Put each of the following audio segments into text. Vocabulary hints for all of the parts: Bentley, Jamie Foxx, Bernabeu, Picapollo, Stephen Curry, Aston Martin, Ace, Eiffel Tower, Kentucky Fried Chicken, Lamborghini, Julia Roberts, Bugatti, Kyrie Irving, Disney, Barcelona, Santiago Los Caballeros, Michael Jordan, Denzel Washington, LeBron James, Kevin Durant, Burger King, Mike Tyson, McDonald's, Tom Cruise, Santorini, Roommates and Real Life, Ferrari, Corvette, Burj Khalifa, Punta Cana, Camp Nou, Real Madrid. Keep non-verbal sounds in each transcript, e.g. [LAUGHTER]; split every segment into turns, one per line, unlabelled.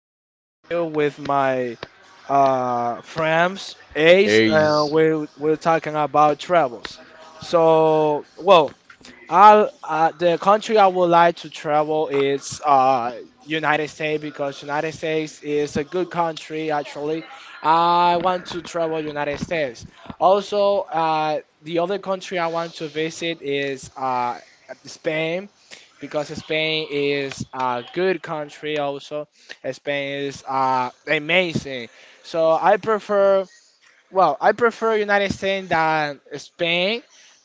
afternoon. I'm here with my friends Ace, and
Aries.
we're talking about travels. So, well, I the country I would like to travel is United States because United States is a good country actually. I want to travel United States. Also, the other country I want to visit is Spain because Spain is a good country also. Spain is amazing. So I prefer Well, I prefer United States than Spain,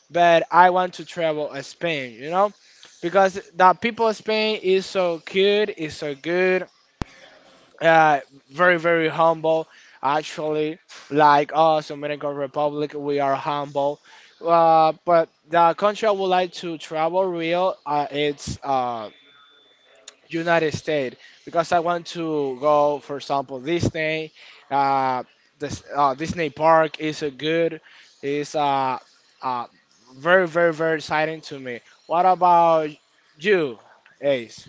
but I want to travel Spain, because the people of Spain is so cute, is so good, uh, very very humble. Actually, like us, Dominican Republic, we are humble. But the country I would like to travel real, it's United States because I want to go, for example, Disney. Uh, this Disney Park is a good, is uh, very very very exciting to me. What about you, Ace?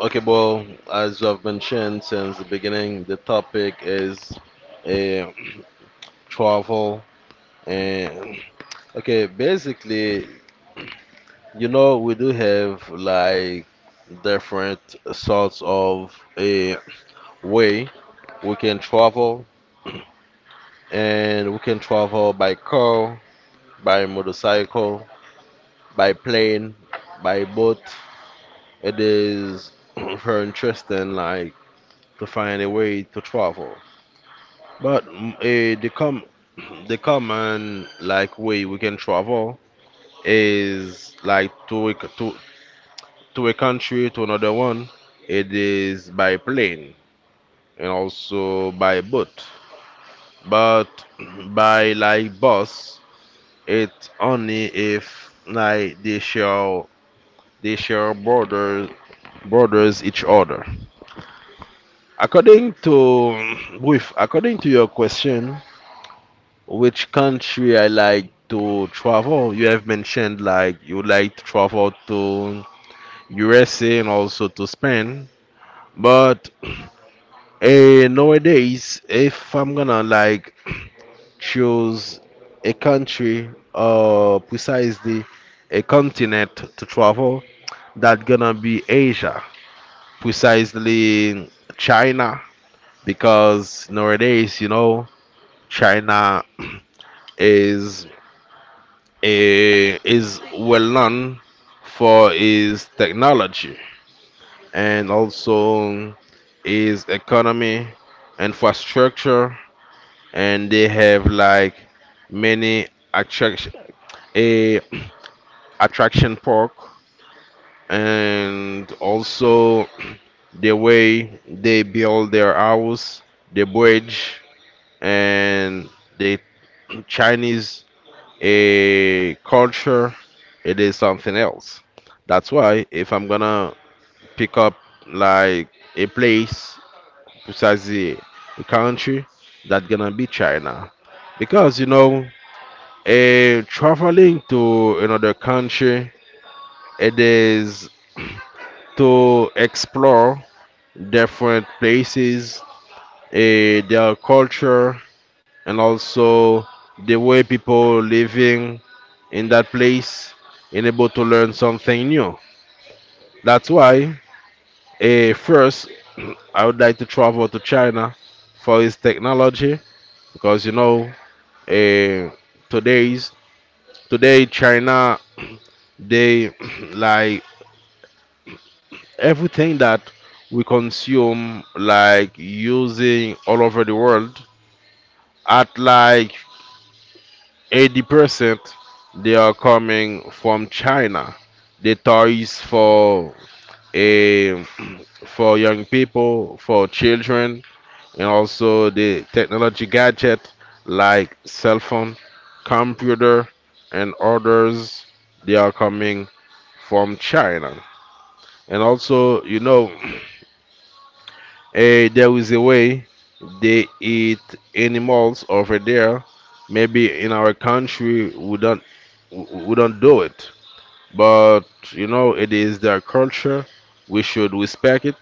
Okay, well, as I've mentioned since the beginning, the topic is uh, [CLEARS THROAT] travel. And okay, basically, you know, we do have like different sorts of a way we can travel, and we can travel by car, by motorcycle, by plane, by boat. It is [CLEARS THROAT] very interesting, like to find a way to travel. But the com [CLEARS THROAT] the common like way we can travel is like to a country to another one. It is by plane and also by boat. But [CLEARS THROAT] by like bus, it's only if like they share borders each other. According to [CLEARS THROAT] with according to your question, which country I like to travel? You have mentioned like you like to travel to USA and also to Spain. But eh, nowadays, if I'm gonna like choose a country or precisely a continent to travel, that gonna be Asia, precisely China, because nowadays, you know, China is is well known for its technology and also its economy, infrastructure, and they have like many attraction, a attraction park, and also the way they build their house, the bridge, and the Chinese a culture, it is something else. That's why if I'm gonna pick up like a place, precisely a country, that's gonna be China, because you know, a traveling to another country, it is to explore different places, their culture, and also the way people living in that place and able to learn something new. That's why, first, [CLEARS THROAT] I would like to travel to China for its technology because you know, eh, today's today China they [CLEARS THROAT] like everything that we consume like using all over the world at like 80% they are coming from China. The toys for eh, for young people, for children, and also the technology gadget like cell phone, computer, and others. They are coming from China. And also, you know, [CLEARS THROAT] there is a way they eat animals over there. Maybe in our country we don't do it, but you know it is their culture. We should respect it.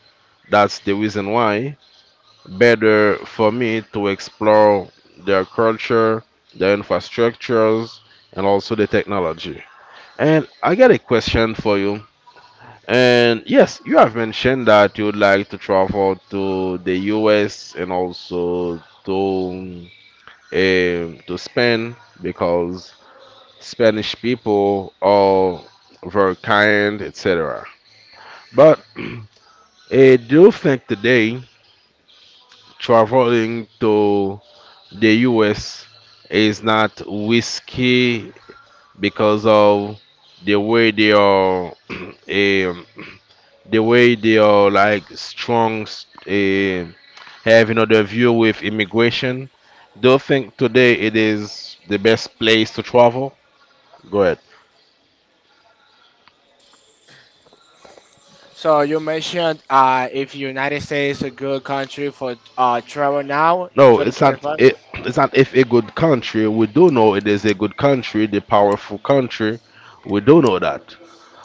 That's the reason why better for me to explore their culture, their infrastructures, and also the technology. And I got a question for you. And yes, you have mentioned that you would like to travel to the US and also to Spain because Spanish people are very kind, etc. But [CLEARS THROAT] do you think today traveling to the US is not risky because of the way they are [CLEARS THROAT] the way they are like strong um having other view with immigration. Do you think today it is the best place to travel? Go ahead.
So you mentioned if United States is a good country for travel now,
No, it's not.
2025.
[CLEARS THROAT] It's not if a good country. We do know it is a good country, the powerful country. We do know that.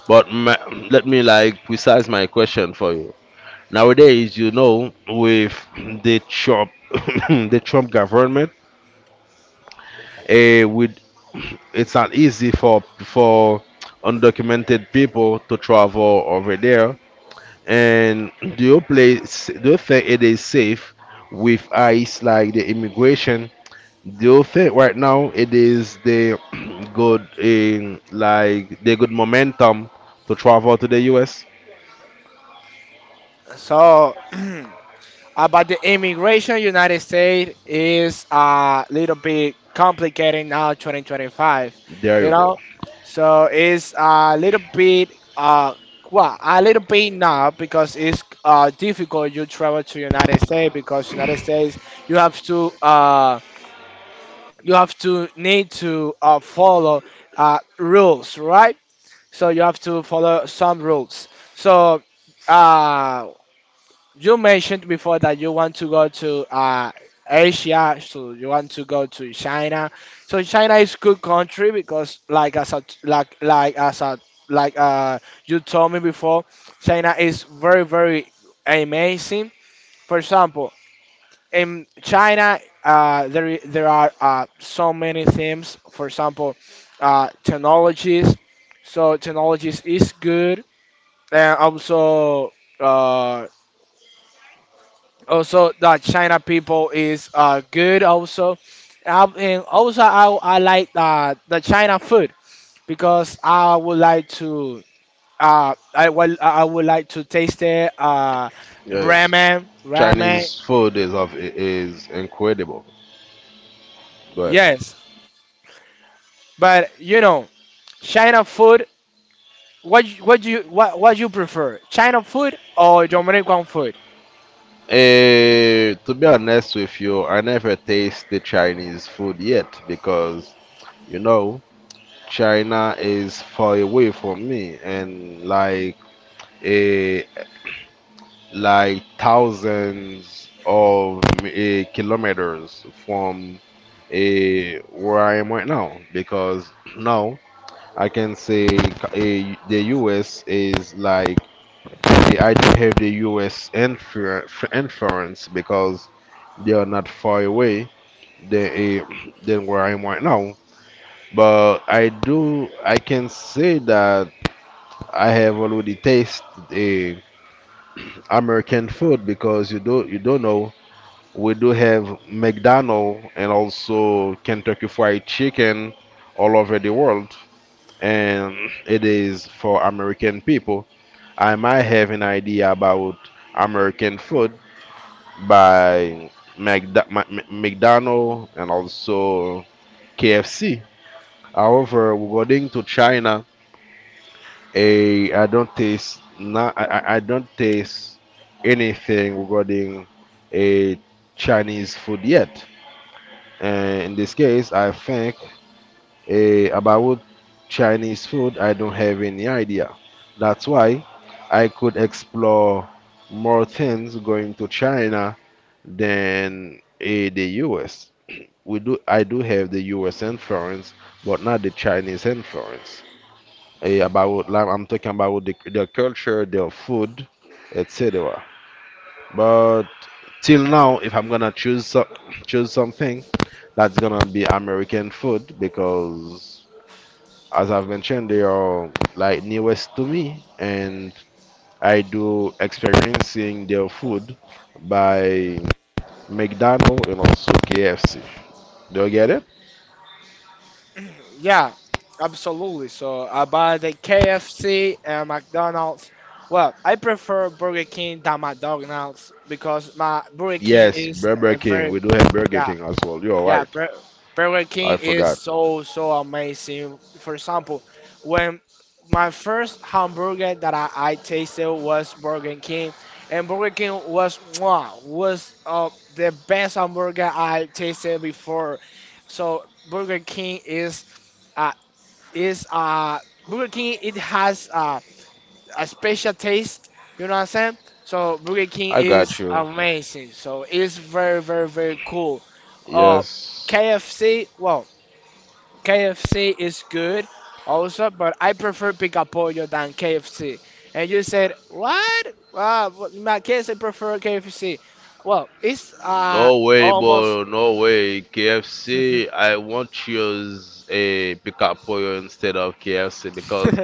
But ma let me like precise my question for you. Nowadays, you know, with the Trump, [COUGHS] [LAUGHS] the Trump government, eh, with it's not easy for undocumented people to travel over there. And do you place? Do you think it is safe with ICE, like the immigration? Do you think right now it is the [COUGHS] [CLEARS THROAT] good, like the good momentum to travel to the U.S.?
So [CLEARS THROAT] about the immigration, United States is a little bit complicated now, 2025,
There
you
you go.
know so it's a little bit, uh well, a little bit now because it's difficult you travel to United States because United States you have to uh you have to need to follow rules, right? So you have to follow some rules. So uh you mentioned before that you want to go to Asia, so you want to go to China. So China is good country because, like as a like as a like you told me before, China is very very amazing. For example, in China, there are so many things. For example, technologies. So technologies is good, and also. Uh, also the China people is good also. And also I like the China food because I would like to taste the
Yes,
ramen.
Chinese food is of is incredible. But
Yes, but you know China food, what you- what do you what you prefer, China food or Dominican food?
to be honest with you, I never taste the Chinese food yet because you know China is far away from me and like a like thousands of kilometers from where I am right now because [CLEARS THROAT] now I can say the US is like. I do have the US inference because they are not far away than, uh, than where I am right now. I can say that I have already tasted uh, American food because you don't know. We do have McDonald's and also Kentucky Fried Chicken all over the world, and it is for American people. I might have an idea about American food by McDonald's and also KFC. However, regarding to China, I don't taste anything regarding a Chinese food yet. And in this case, I think about Chinese food, I don't have any idea. That's why I could explore more things going to China than the US. We do I do have the U.S. influence, but not the Chinese influence. About like I'm talking about their culture, their food, etc. But till now, if I'm gonna choose something, that's gonna be American food because, as I've mentioned, they are like newest to me, and I do experiencing their food by McDonald's and also KFC. Do you get it?
Yeah, absolutely. So I buy the KFC and McDonald's. Well, I prefer Burger King than McDonald's because my Burger King
Yes,
is
Burger
a
King.
very.
We do have Burger
Yeah,
King as well. You're
yeah.
right.
Burger
I
King is
forgot.
so so amazing. For example, when my first hamburger that I tasted was Burger King, and Burger King was mwah, was the best hamburger I tasted before. So Burger King is uh, is uh Burger King, it has a special taste, you know what I'm saying? So Burger King
I got
is
you.
amazing. So it's very very very cool. Uh
Yes.
KFC, well, KFC is good also, but I prefer Picapollo than KFC. And you said, "What? Wow, well, in my case I prefer KFC." Well, it's
No way,
almost.
bro. No way. KFC,
[LAUGHS]
I want to use a pick up for you instead of KFC because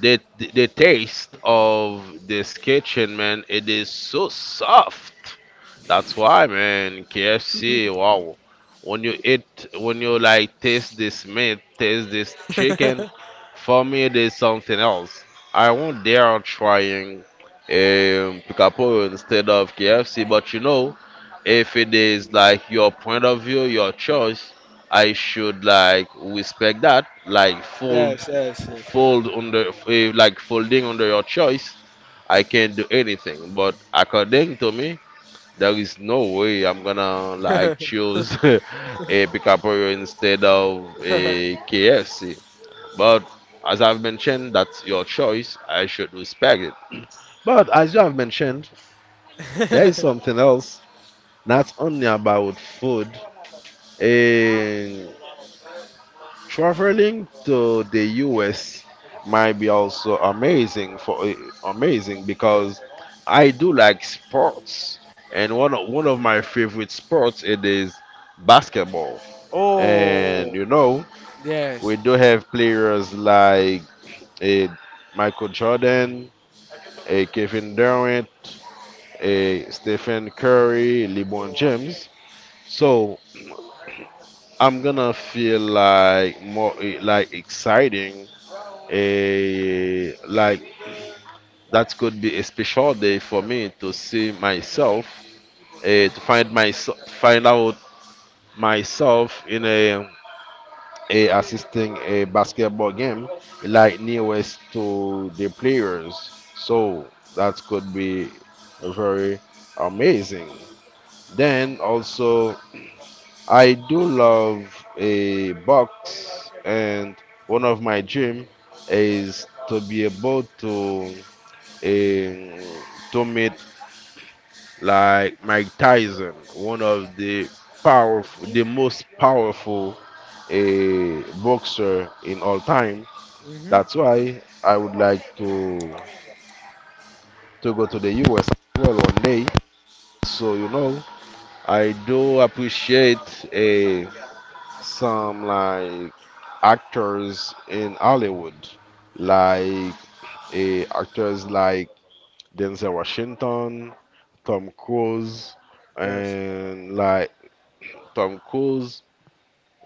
the the taste of this kitchen, man, it is so soft. That's why, man, KFC, wow. When you like taste this meat, taste this chicken, for me it is something else. I won't dare trying Picapo instead of KFC, but you know, if it is like your point of view, your choice, I should like respect that, like full
Yes, yes,
fold under eh, like folding under your choice, I can't do anything. But according to me, there is no way I'm gonna like choose [LAUGHS] a Picaporio instead of a KFC. But as I've mentioned, that's your choice. I should respect it. But as you have mentioned, there is
yes. [LAUGHS]
something else, not only about food. Eh, Traveling to the US might be also amazing for amazing because I do like sports and one of my favorite sports it is basketball. And
Oh,
you know, we do
yes.
have players like a Michael Jordan, a Kevin Durant, a Stephen Curry, LeBron James. So I'm gonna feel like more like exciting. Eh, like that could be a special day for me to see myself, to find myself, find out myself in a assisting a basketball game, like nearest to the players. So that could be very amazing. Then also, I do love a box, and one of my dream is to be able um, to meet like Mike Tyson, one of the the most powerful boxer in all time.
Hmm.
That's why I would like to go to the US as well one day. So you know, I do appreciate some like actors in Hollywood, like actors like Denzel Washington, Tom Cruise
Yes.
and like Tom Cruise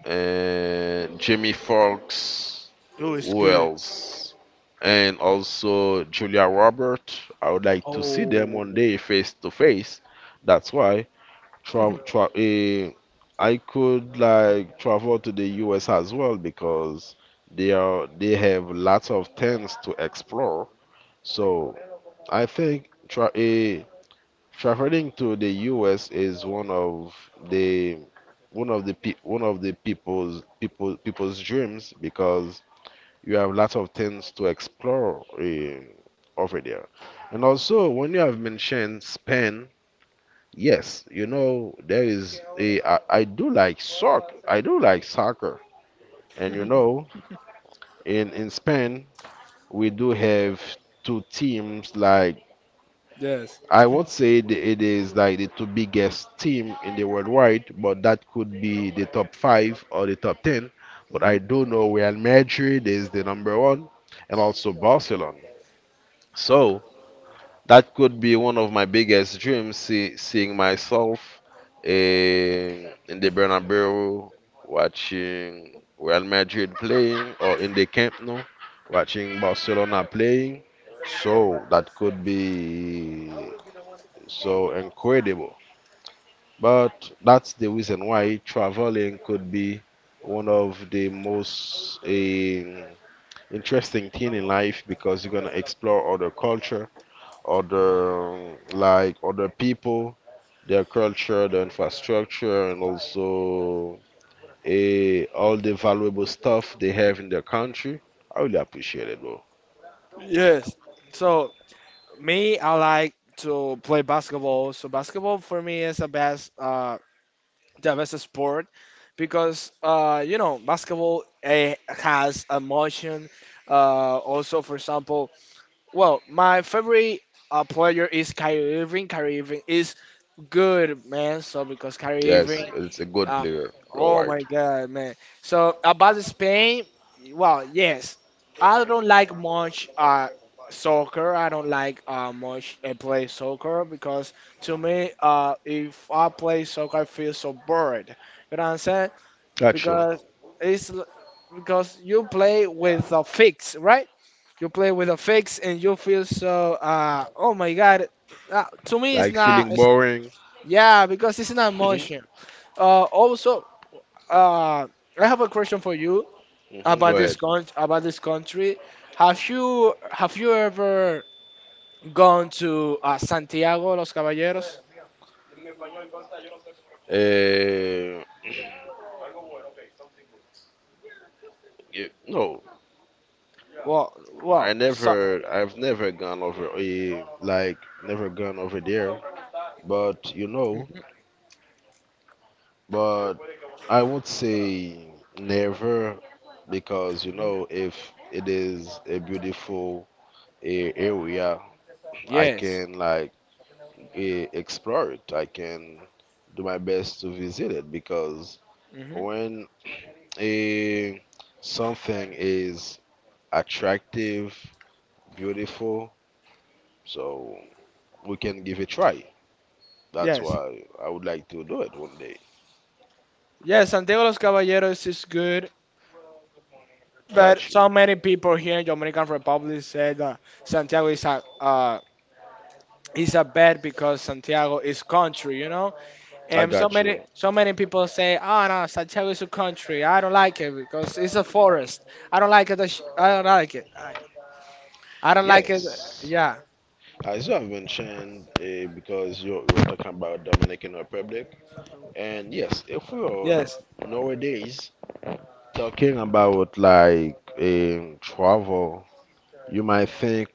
and Jamie Foxx,
Oh, it's
who
good.
else? And also Julia Roberts. I would like to see them
Oh,
one day face to face. That's why tra
[LAUGHS]
tra eh, I could like travel to the US as well because they have lots of things to explore. So I think traveling to the U.S. is the one of the people's dreams because you have lots of things to explore over there. And also, when you have mentioned Spain, yes, you know there is I do like soccer. I do like soccer, and you know in Spain we do have two teams like.
yes.
I won't say it, it is like the two biggest team in the worldwide, but that could be the top five or the top ten. But
Hmm.
I do know Real Madrid is the number one, and also Barcelona. So that could be one of my biggest dreams, seeing myself in the Bernabeu, watching Real Madrid playing, or in the Camp Nou, watching Barcelona playing. So that could be so incredible. But that's the reason why traveling could be one of the most interesting thing in life because you're gonna explore other culture, other other people, their culture, their infrastructure, and also all the valuable stuff they have in their country. I really appreciate it, bro.
Yes. So me, I like to play basketball. So basketball for me is the best, the best sport because basketball has emotion. Also, for example, well, my favorite player is Kyrie Irving. Kyrie Irving is good, man. So because Kyrie
Yes,
Irving.
it's a good
Uh,
player. You're
oh my
right.
God, man. So about Spain, well, yes, I don't like much soccer. I don't like much play soccer because to me, if I play soccer, I feel so bored. You know what I'm saying?
Gotcha.
Because it's l- because you play with a fix, right? You play with a fix and you feel so oh my God. To me, it's
Like
not.
feeling
It's,
boring.
yeah, because it's not
Hmm.
motion. Also, uh, I have a question for you
Hmm.
about
Go
this
ahead.
con about this country. Have you ever gone to Santiago Los Caballeros?
Uh, yeah, no,
Well, well, so.
I've never gone over, never gone over there. But you know,
Mhm,
but I would say never, because you
mhm.
know, if it is a beautiful area, I
Yes.
can like uh, explore it. I can do my best to visit it because
Hmm.
when a something is attractive, beautiful, so we can give it a try. That's
Yes,
why I would like to do it one day.
yes. Santiago Los Caballeros is good, but
Got you.
so many people here in Dominican Republic said that Santiago is a bad because Santiago is country.
I
And so
got
many,
you.
so many people say, "Oh no, Santiago is a country. I don't like it because it's a forest. I don't like it. I don't like it. I don't like it."
Yes.
Yeah.
As you have mentioned, because you you're talking about Dominican Republic, and yes, if we are
Yes.
nowadays talking about like travel, you might think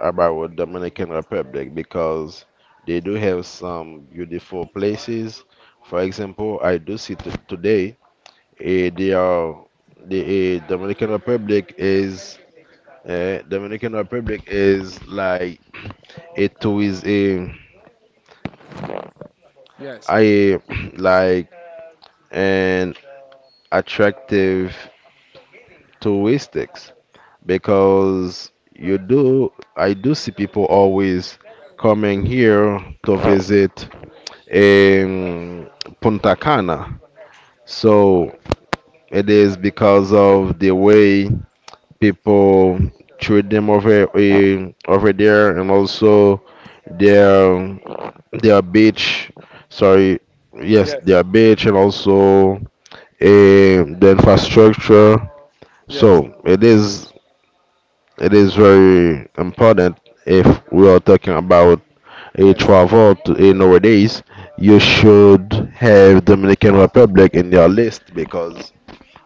about Dominican Republic because they do have some beautiful places. For example, I do see today, they are the Dominican Republic is Dominican Republic is like a tourist a
Yes.
I [CLEARS THROAT] like an attractive touristics because you do, I do see people always coming here to visit um, Punta Cana. So it is because of the way people treat them over over there, and also their their beach. Sorry, yes,
Yes.
their beach, and also the infrastructure.
Yes.
So it is It is very important if we are talking about a
Yes.
travel to a nowadays, you should have Dominican Republic in your list because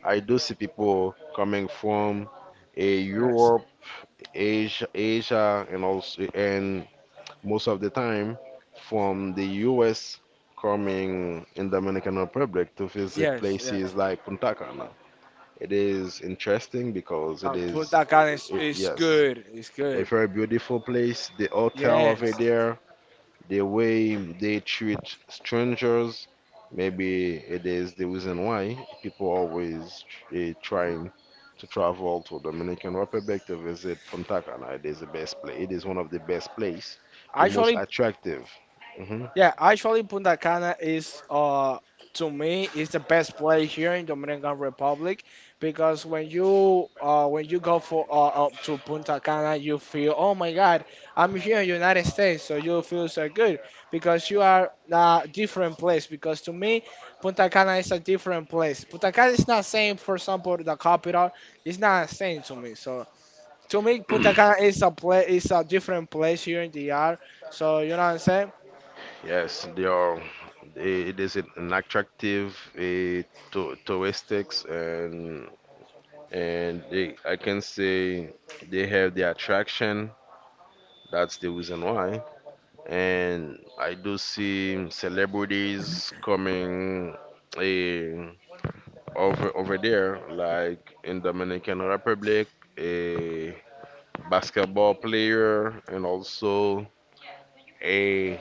I do see people coming from a
Yes.
Europe, Asia, and also and most of the time from the U.S. coming in Dominican Republic to visit
Yes.
places
Yes.
like Punta Cana. It is interesting because it
Uh,
is,
Punta Cana
it-
is,
it-
is
yes,
good. It's
a
good.
very beautiful place. The hotel over
Yes.
there, the way they treat strangers, maybe it is the reason why people always trying to travel to Dominican Republic to visit Punta Cana. It is the best place. It is one of the best place, the most
Actually,
attractive. Mhm.
yeah, actually, Punta Cana to me, is the best place here in Dominican Republic because when you go for up to Punta Cana, you feel, oh my God, I'm here in United States, so you feel so good because you are a different place. Because to me, Punta Cana is a different place. Punta Cana is not same, for example, the capital. It's not same to me. So to me, Punta Cana is a different place here in the DR. So you know what I'm saying?
Yes, they are. It is an attractive uh, to, touristics, and they, I can say they have the attraction. That's the reason why. And I do see celebrities coming eh, over there, like in Dominican Republic, a basketball player, and also a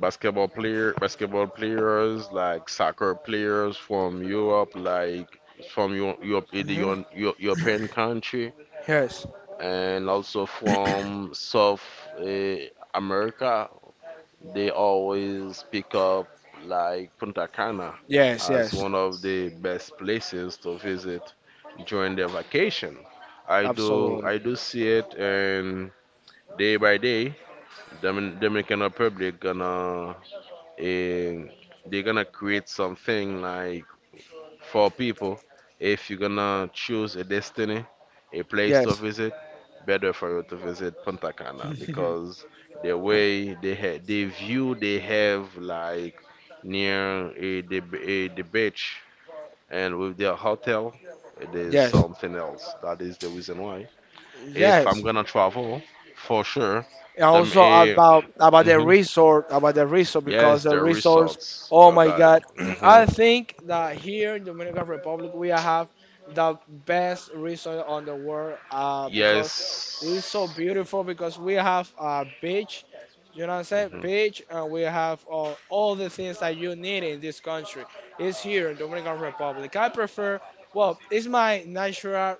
basketball players, like soccer players from Europe, like from Europe, the
Mhm.
European country,
Yes.
and also
[CLEARS THROAT]
from South eh, America. They always pick up like Punta Cana
Yes,
as
yes.
one of the best places to visit during their vacation.
Absolutely.
I do see it. And day by day, Dominican Republic gonna eh, they're gonna create something like for people. If you're gonna choose a destiny, a place to
Yes.
visit, better for you to visit Punta Cana,
[LAUGHS]
because the way they the view they have like near a, the beach, and with their hotel, it is
Yes.
something else. That is the reason why. If I'm
Yes.
gonna travel, for sure,
And
them
also
a
about
[CLEARS THROAT]
about the
hmm,
resort because
yes,
the
the
resorts.
resorts
Oh
you
my
got.
God, [CLEARS THROAT]
Hmm.
I think that here in Dominican Republic we have the best resort on the world. Because it is so
Yes.
beautiful because we have a beach. You know what I'm saying?
Hmm.
Beach, and we have all the things that you need in this country. It's here in Dominican Republic. I prefer. Well, it's my natural.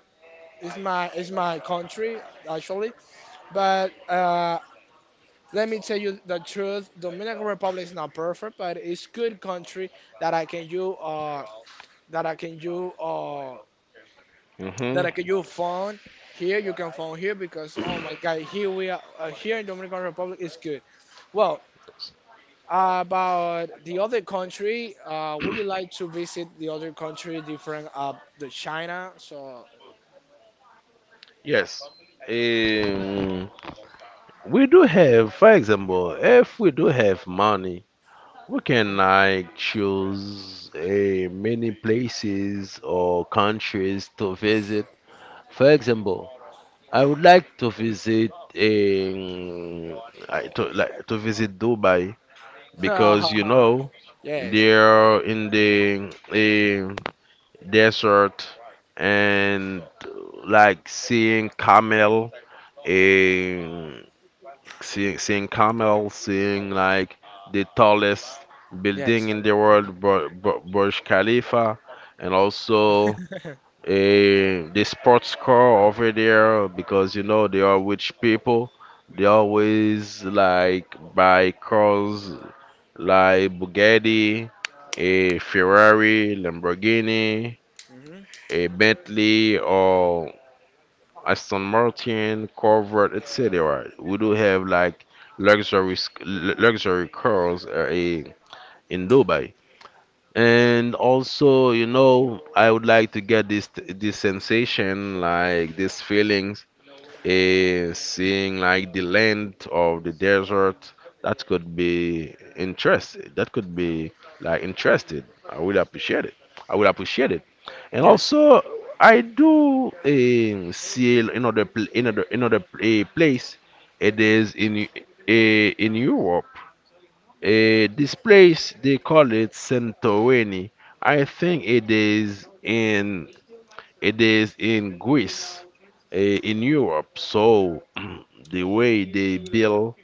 It's my country actually. But let me tell you the truth. Dominican Republic is not perfect, but it's good country that I can you uh that I can you uh
Hmm.
that I can you phone here. You can phone here because oh my God, here we are here in Dominican Republic is good. Well, about the other country, would you like to visit the other country different the China? So.
Yes. Um, we do have, for example, if we do have money, we can like choose many places or countries to visit. For example, I would like to visit um, like to visit Dubai, because you
[LAUGHS]
know
Yes,
they're in the desert, and like seeing camel. eh, seeing camels, seeing like the tallest building
yes.
in the world, Burj Khalifa, and also
[LAUGHS]
the sports car over there, because you know they are rich people. They always like buy cars like Bugatti, a Ferrari, Lamborghini,
Mhm.
a Bentley, or Aston Martin, Corvette, etc. We do have like luxury luxury cars in Dubai. And also, you know, I would like to get this sensation, like this feeling, seeing like the land of the desert. That could be interested, that could be like interested. i would appreciate it I would appreciate it. And
Yes.
also, I do see another another place. It is in in Europe. This place they call it Santorini. I think it is in Greece, in Europe. So [CLEARS THROAT] the way they build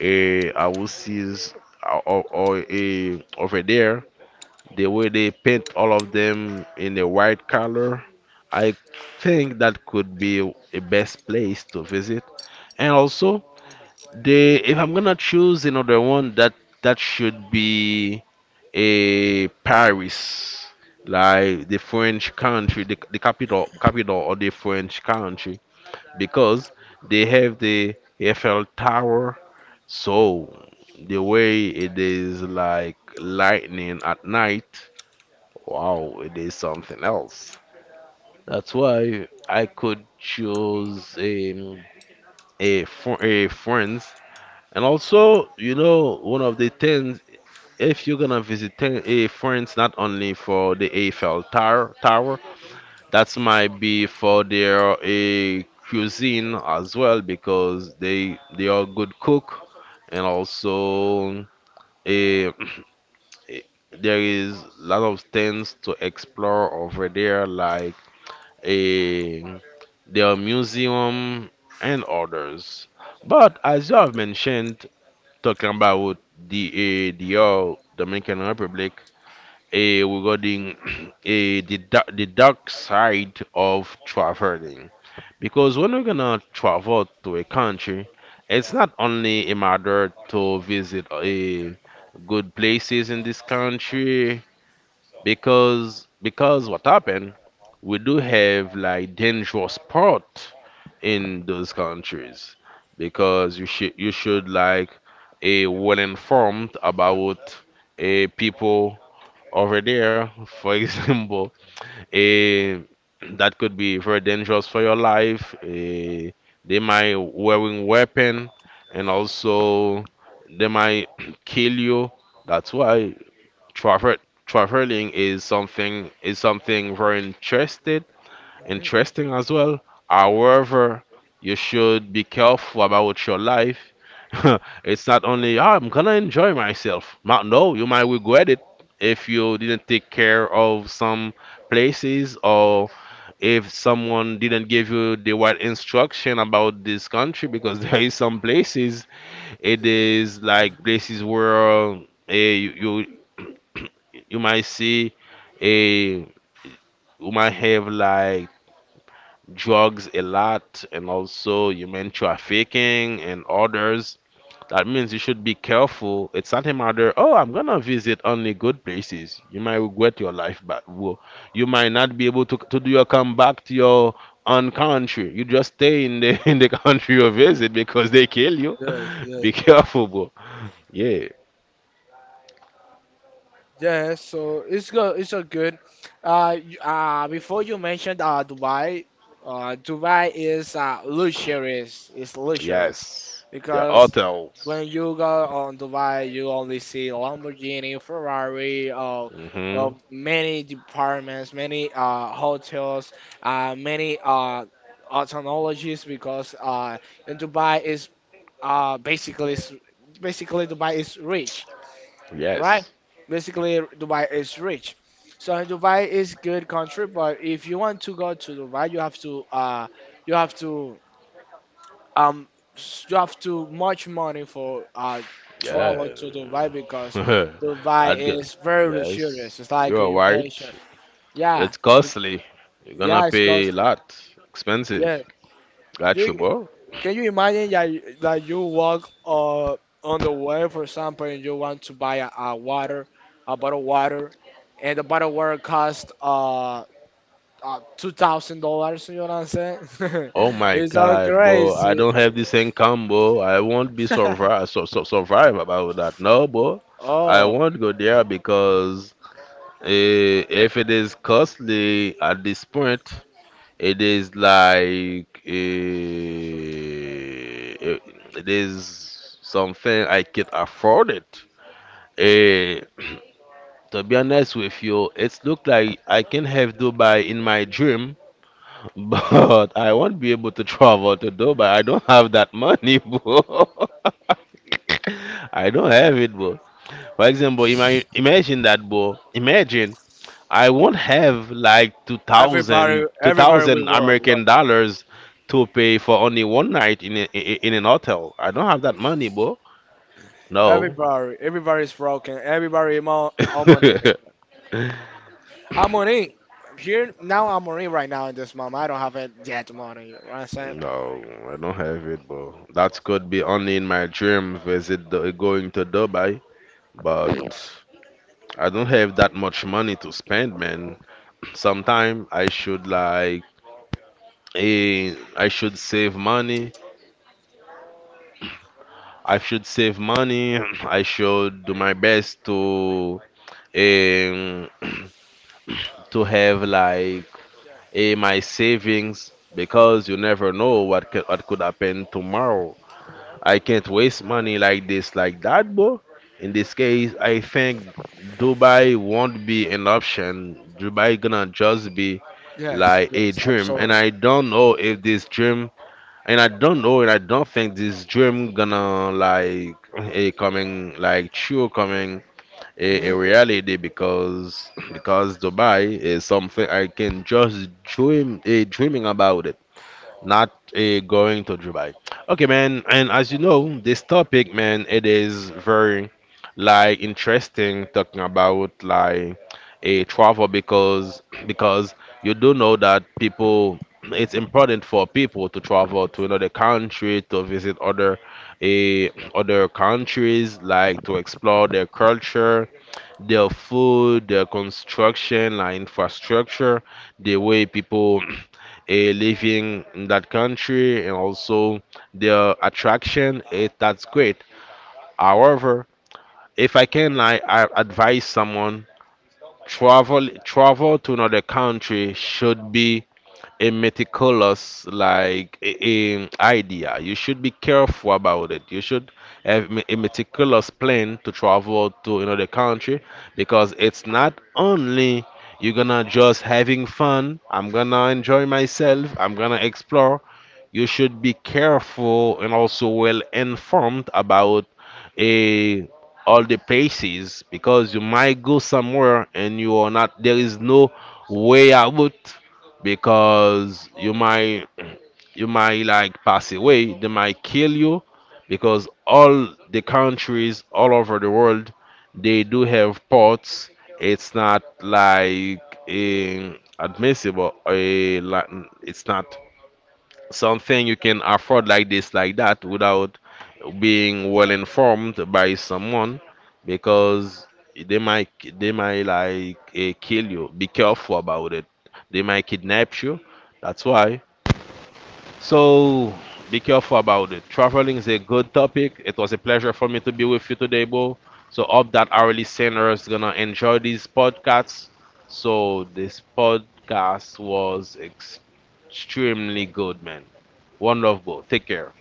houses or over there, the way they paint all of them in a white color, I think that could be a best place to visit. And also, they, if I'm gonna choose another one, that should be Paris, like the French country, the, capital of the French country, because they have the Eiffel Tower. So the way it is like lightning at night, wow, it is something else. That's why I could choose a, France. And also, you know, one of the things, if you're gonna visit France, not only for the Eiffel Tower, that might be for their cuisine as well, because they are good cook, and also eh, [CLEARS THROAT] eh, there is a lot of things to explore over there, like a their museum and others. But as you have mentioned, talking about the Dominican Republic, regarding [CLEARS THROAT] the, the dark side of traveling. Because when we're gonna travel to a country, it's not only a matter to visit a good places in this country, because what happened, we do have like dangerous part in those countries, because you should like a well informed about a people over there, for [LAUGHS] example, eh, that could be very dangerous for your life. They might wearing weapon, and also they might [CLEARS THROAT] kill you. That's why travel traveling is something very interested
Mhm.
interesting as well. However, you should be careful about your life. [LAUGHS] It's not only, "Ah, I'm gonna enjoy myself. No, you might regret it if you didn't take care of some places, or if someone didn't give you the right instruction about this country, because [LAUGHS] there is some places. It is like
Mhm.
places where you, you might see a you might have like drugs a lot, and also human trafficking and others. That means you should be careful. It's not a matter, oh, I'm gonna visit only good places. You might regret your life, but you might not be able to do your come back to your own country. You just stay in the [LAUGHS] in the country you visit because they kill you.
Yes,
[LAUGHS]
yes.
Be careful, bro. Yeah,
Yeah, so it's good. It's so good. Before you mentioned Dubai. Dubai is luxurious. It's luxurious
yes. They're
because
hotels.
when you go on Dubai, you only see Lamborghini, Ferrari,
Mm-hmm.
many departments, many hotels, many technologies because in Dubai is uh basically basically Dubai is rich, right?
Yes.
Basically, Dubai is rich. So Dubai is good country, but if you want to go to Dubai, you have to you have to um you have to much money for travel
Yeah.
to Dubai because
[LAUGHS]
Dubai
Edgar,
is very luxurious.
yes,
It's
you
like
are
you
right.
mentioned, yeah,
It's
be-
costly. You're gonna
yeah, it's
pay a
costly.
lot. Expensive.
Yeah,
Got you,
you
bro.
Can you imagine that that you walk on the way, for example, and you want to buy a water, a bottle of water, and the bottle of water costs $2,000. You know what I'm saying? [LAUGHS]
Oh my
It's so
God, bro. I
crazy.
don't have this income, bro. I won't be
[LAUGHS]
survive, so survive about that. No, bro. I
Oh,
won't go there, because if it is costly at this point, it is like it it is something I can't afford it. Eh, [CLEARS THROAT] to be honest with you, it's look like I can have Dubai in my dream, [LAUGHS] but I won't be able to travel to Dubai. I don't have that money, [LAUGHS] bro. I don't have it, bro. For example, imagine that, bro. Imagine I won't have like 2,000,
everybody,
two
everybody we
thousand
were
American
broken.
dollars to pay for only one night in a, in an hotel. I don't have that money, bro. No.
Everybody's broken. Everybody, I'm on it.
[LAUGHS]
I'm on it. Here now, I'm on it right now in this moment. I don't have it yet money. You know what I'm saying?
No, I don't have it, but that could be only in my dream visit the, going to Dubai. But I don't have that much money to spend, man. [CLEARS THROAT] Sometime I should like, I should save money. I should save money. [CLEARS THROAT] I should do my best to, um, [CLEARS THROAT] to have like, my savings, because you never know what could, happen tomorrow. I can't waste money like this, like that, bro. In this case, I think Dubai won't be an option. Dubai gonna just be
Yes,
like a
yes,
dream, and
absolutely.
I don't know if this dream, and I don't know, and I don't think this dream gonna like a coming like true coming a reality, because Dubai is something I can just dream a dreaming about it, not going to Dubai. Okay, man. And as you know, this topic, man, it is very like interesting, talking about like a travel, because you do know that people, it's important for people to travel to another country to visit other eh, other countries, like to explore their culture, their food, their construction, like infrastructure, the way people [CLEARS THROAT] are living in that country, and also their attraction. It, that's great. However, if I can, like, I advise someone, travel to another country should be a meticulous like a idea. You should be careful about it. You should have a meticulous plan to travel to another country, because it's not only you're gonna just having fun. I'm gonna enjoy myself. I'm gonna explore. You should be careful and also well informed about a all the places, because you might go somewhere and you are not there is no way out, because you might like pass away, they might kill you, because all the countries all over the world, they do have ports. It's not like eh, admissible, like, it's not something you can afford like this, like that, without being well informed by someone, because they might they might like kill you. Be careful about it. They might kidnap you. That's why. So be careful about it. Traveling is a good topic. It was a pleasure for me to be with you today, Bo. So hope that our listeners gonna enjoy these podcasts. So this podcast was extremely good, man. One love, bro. Take care.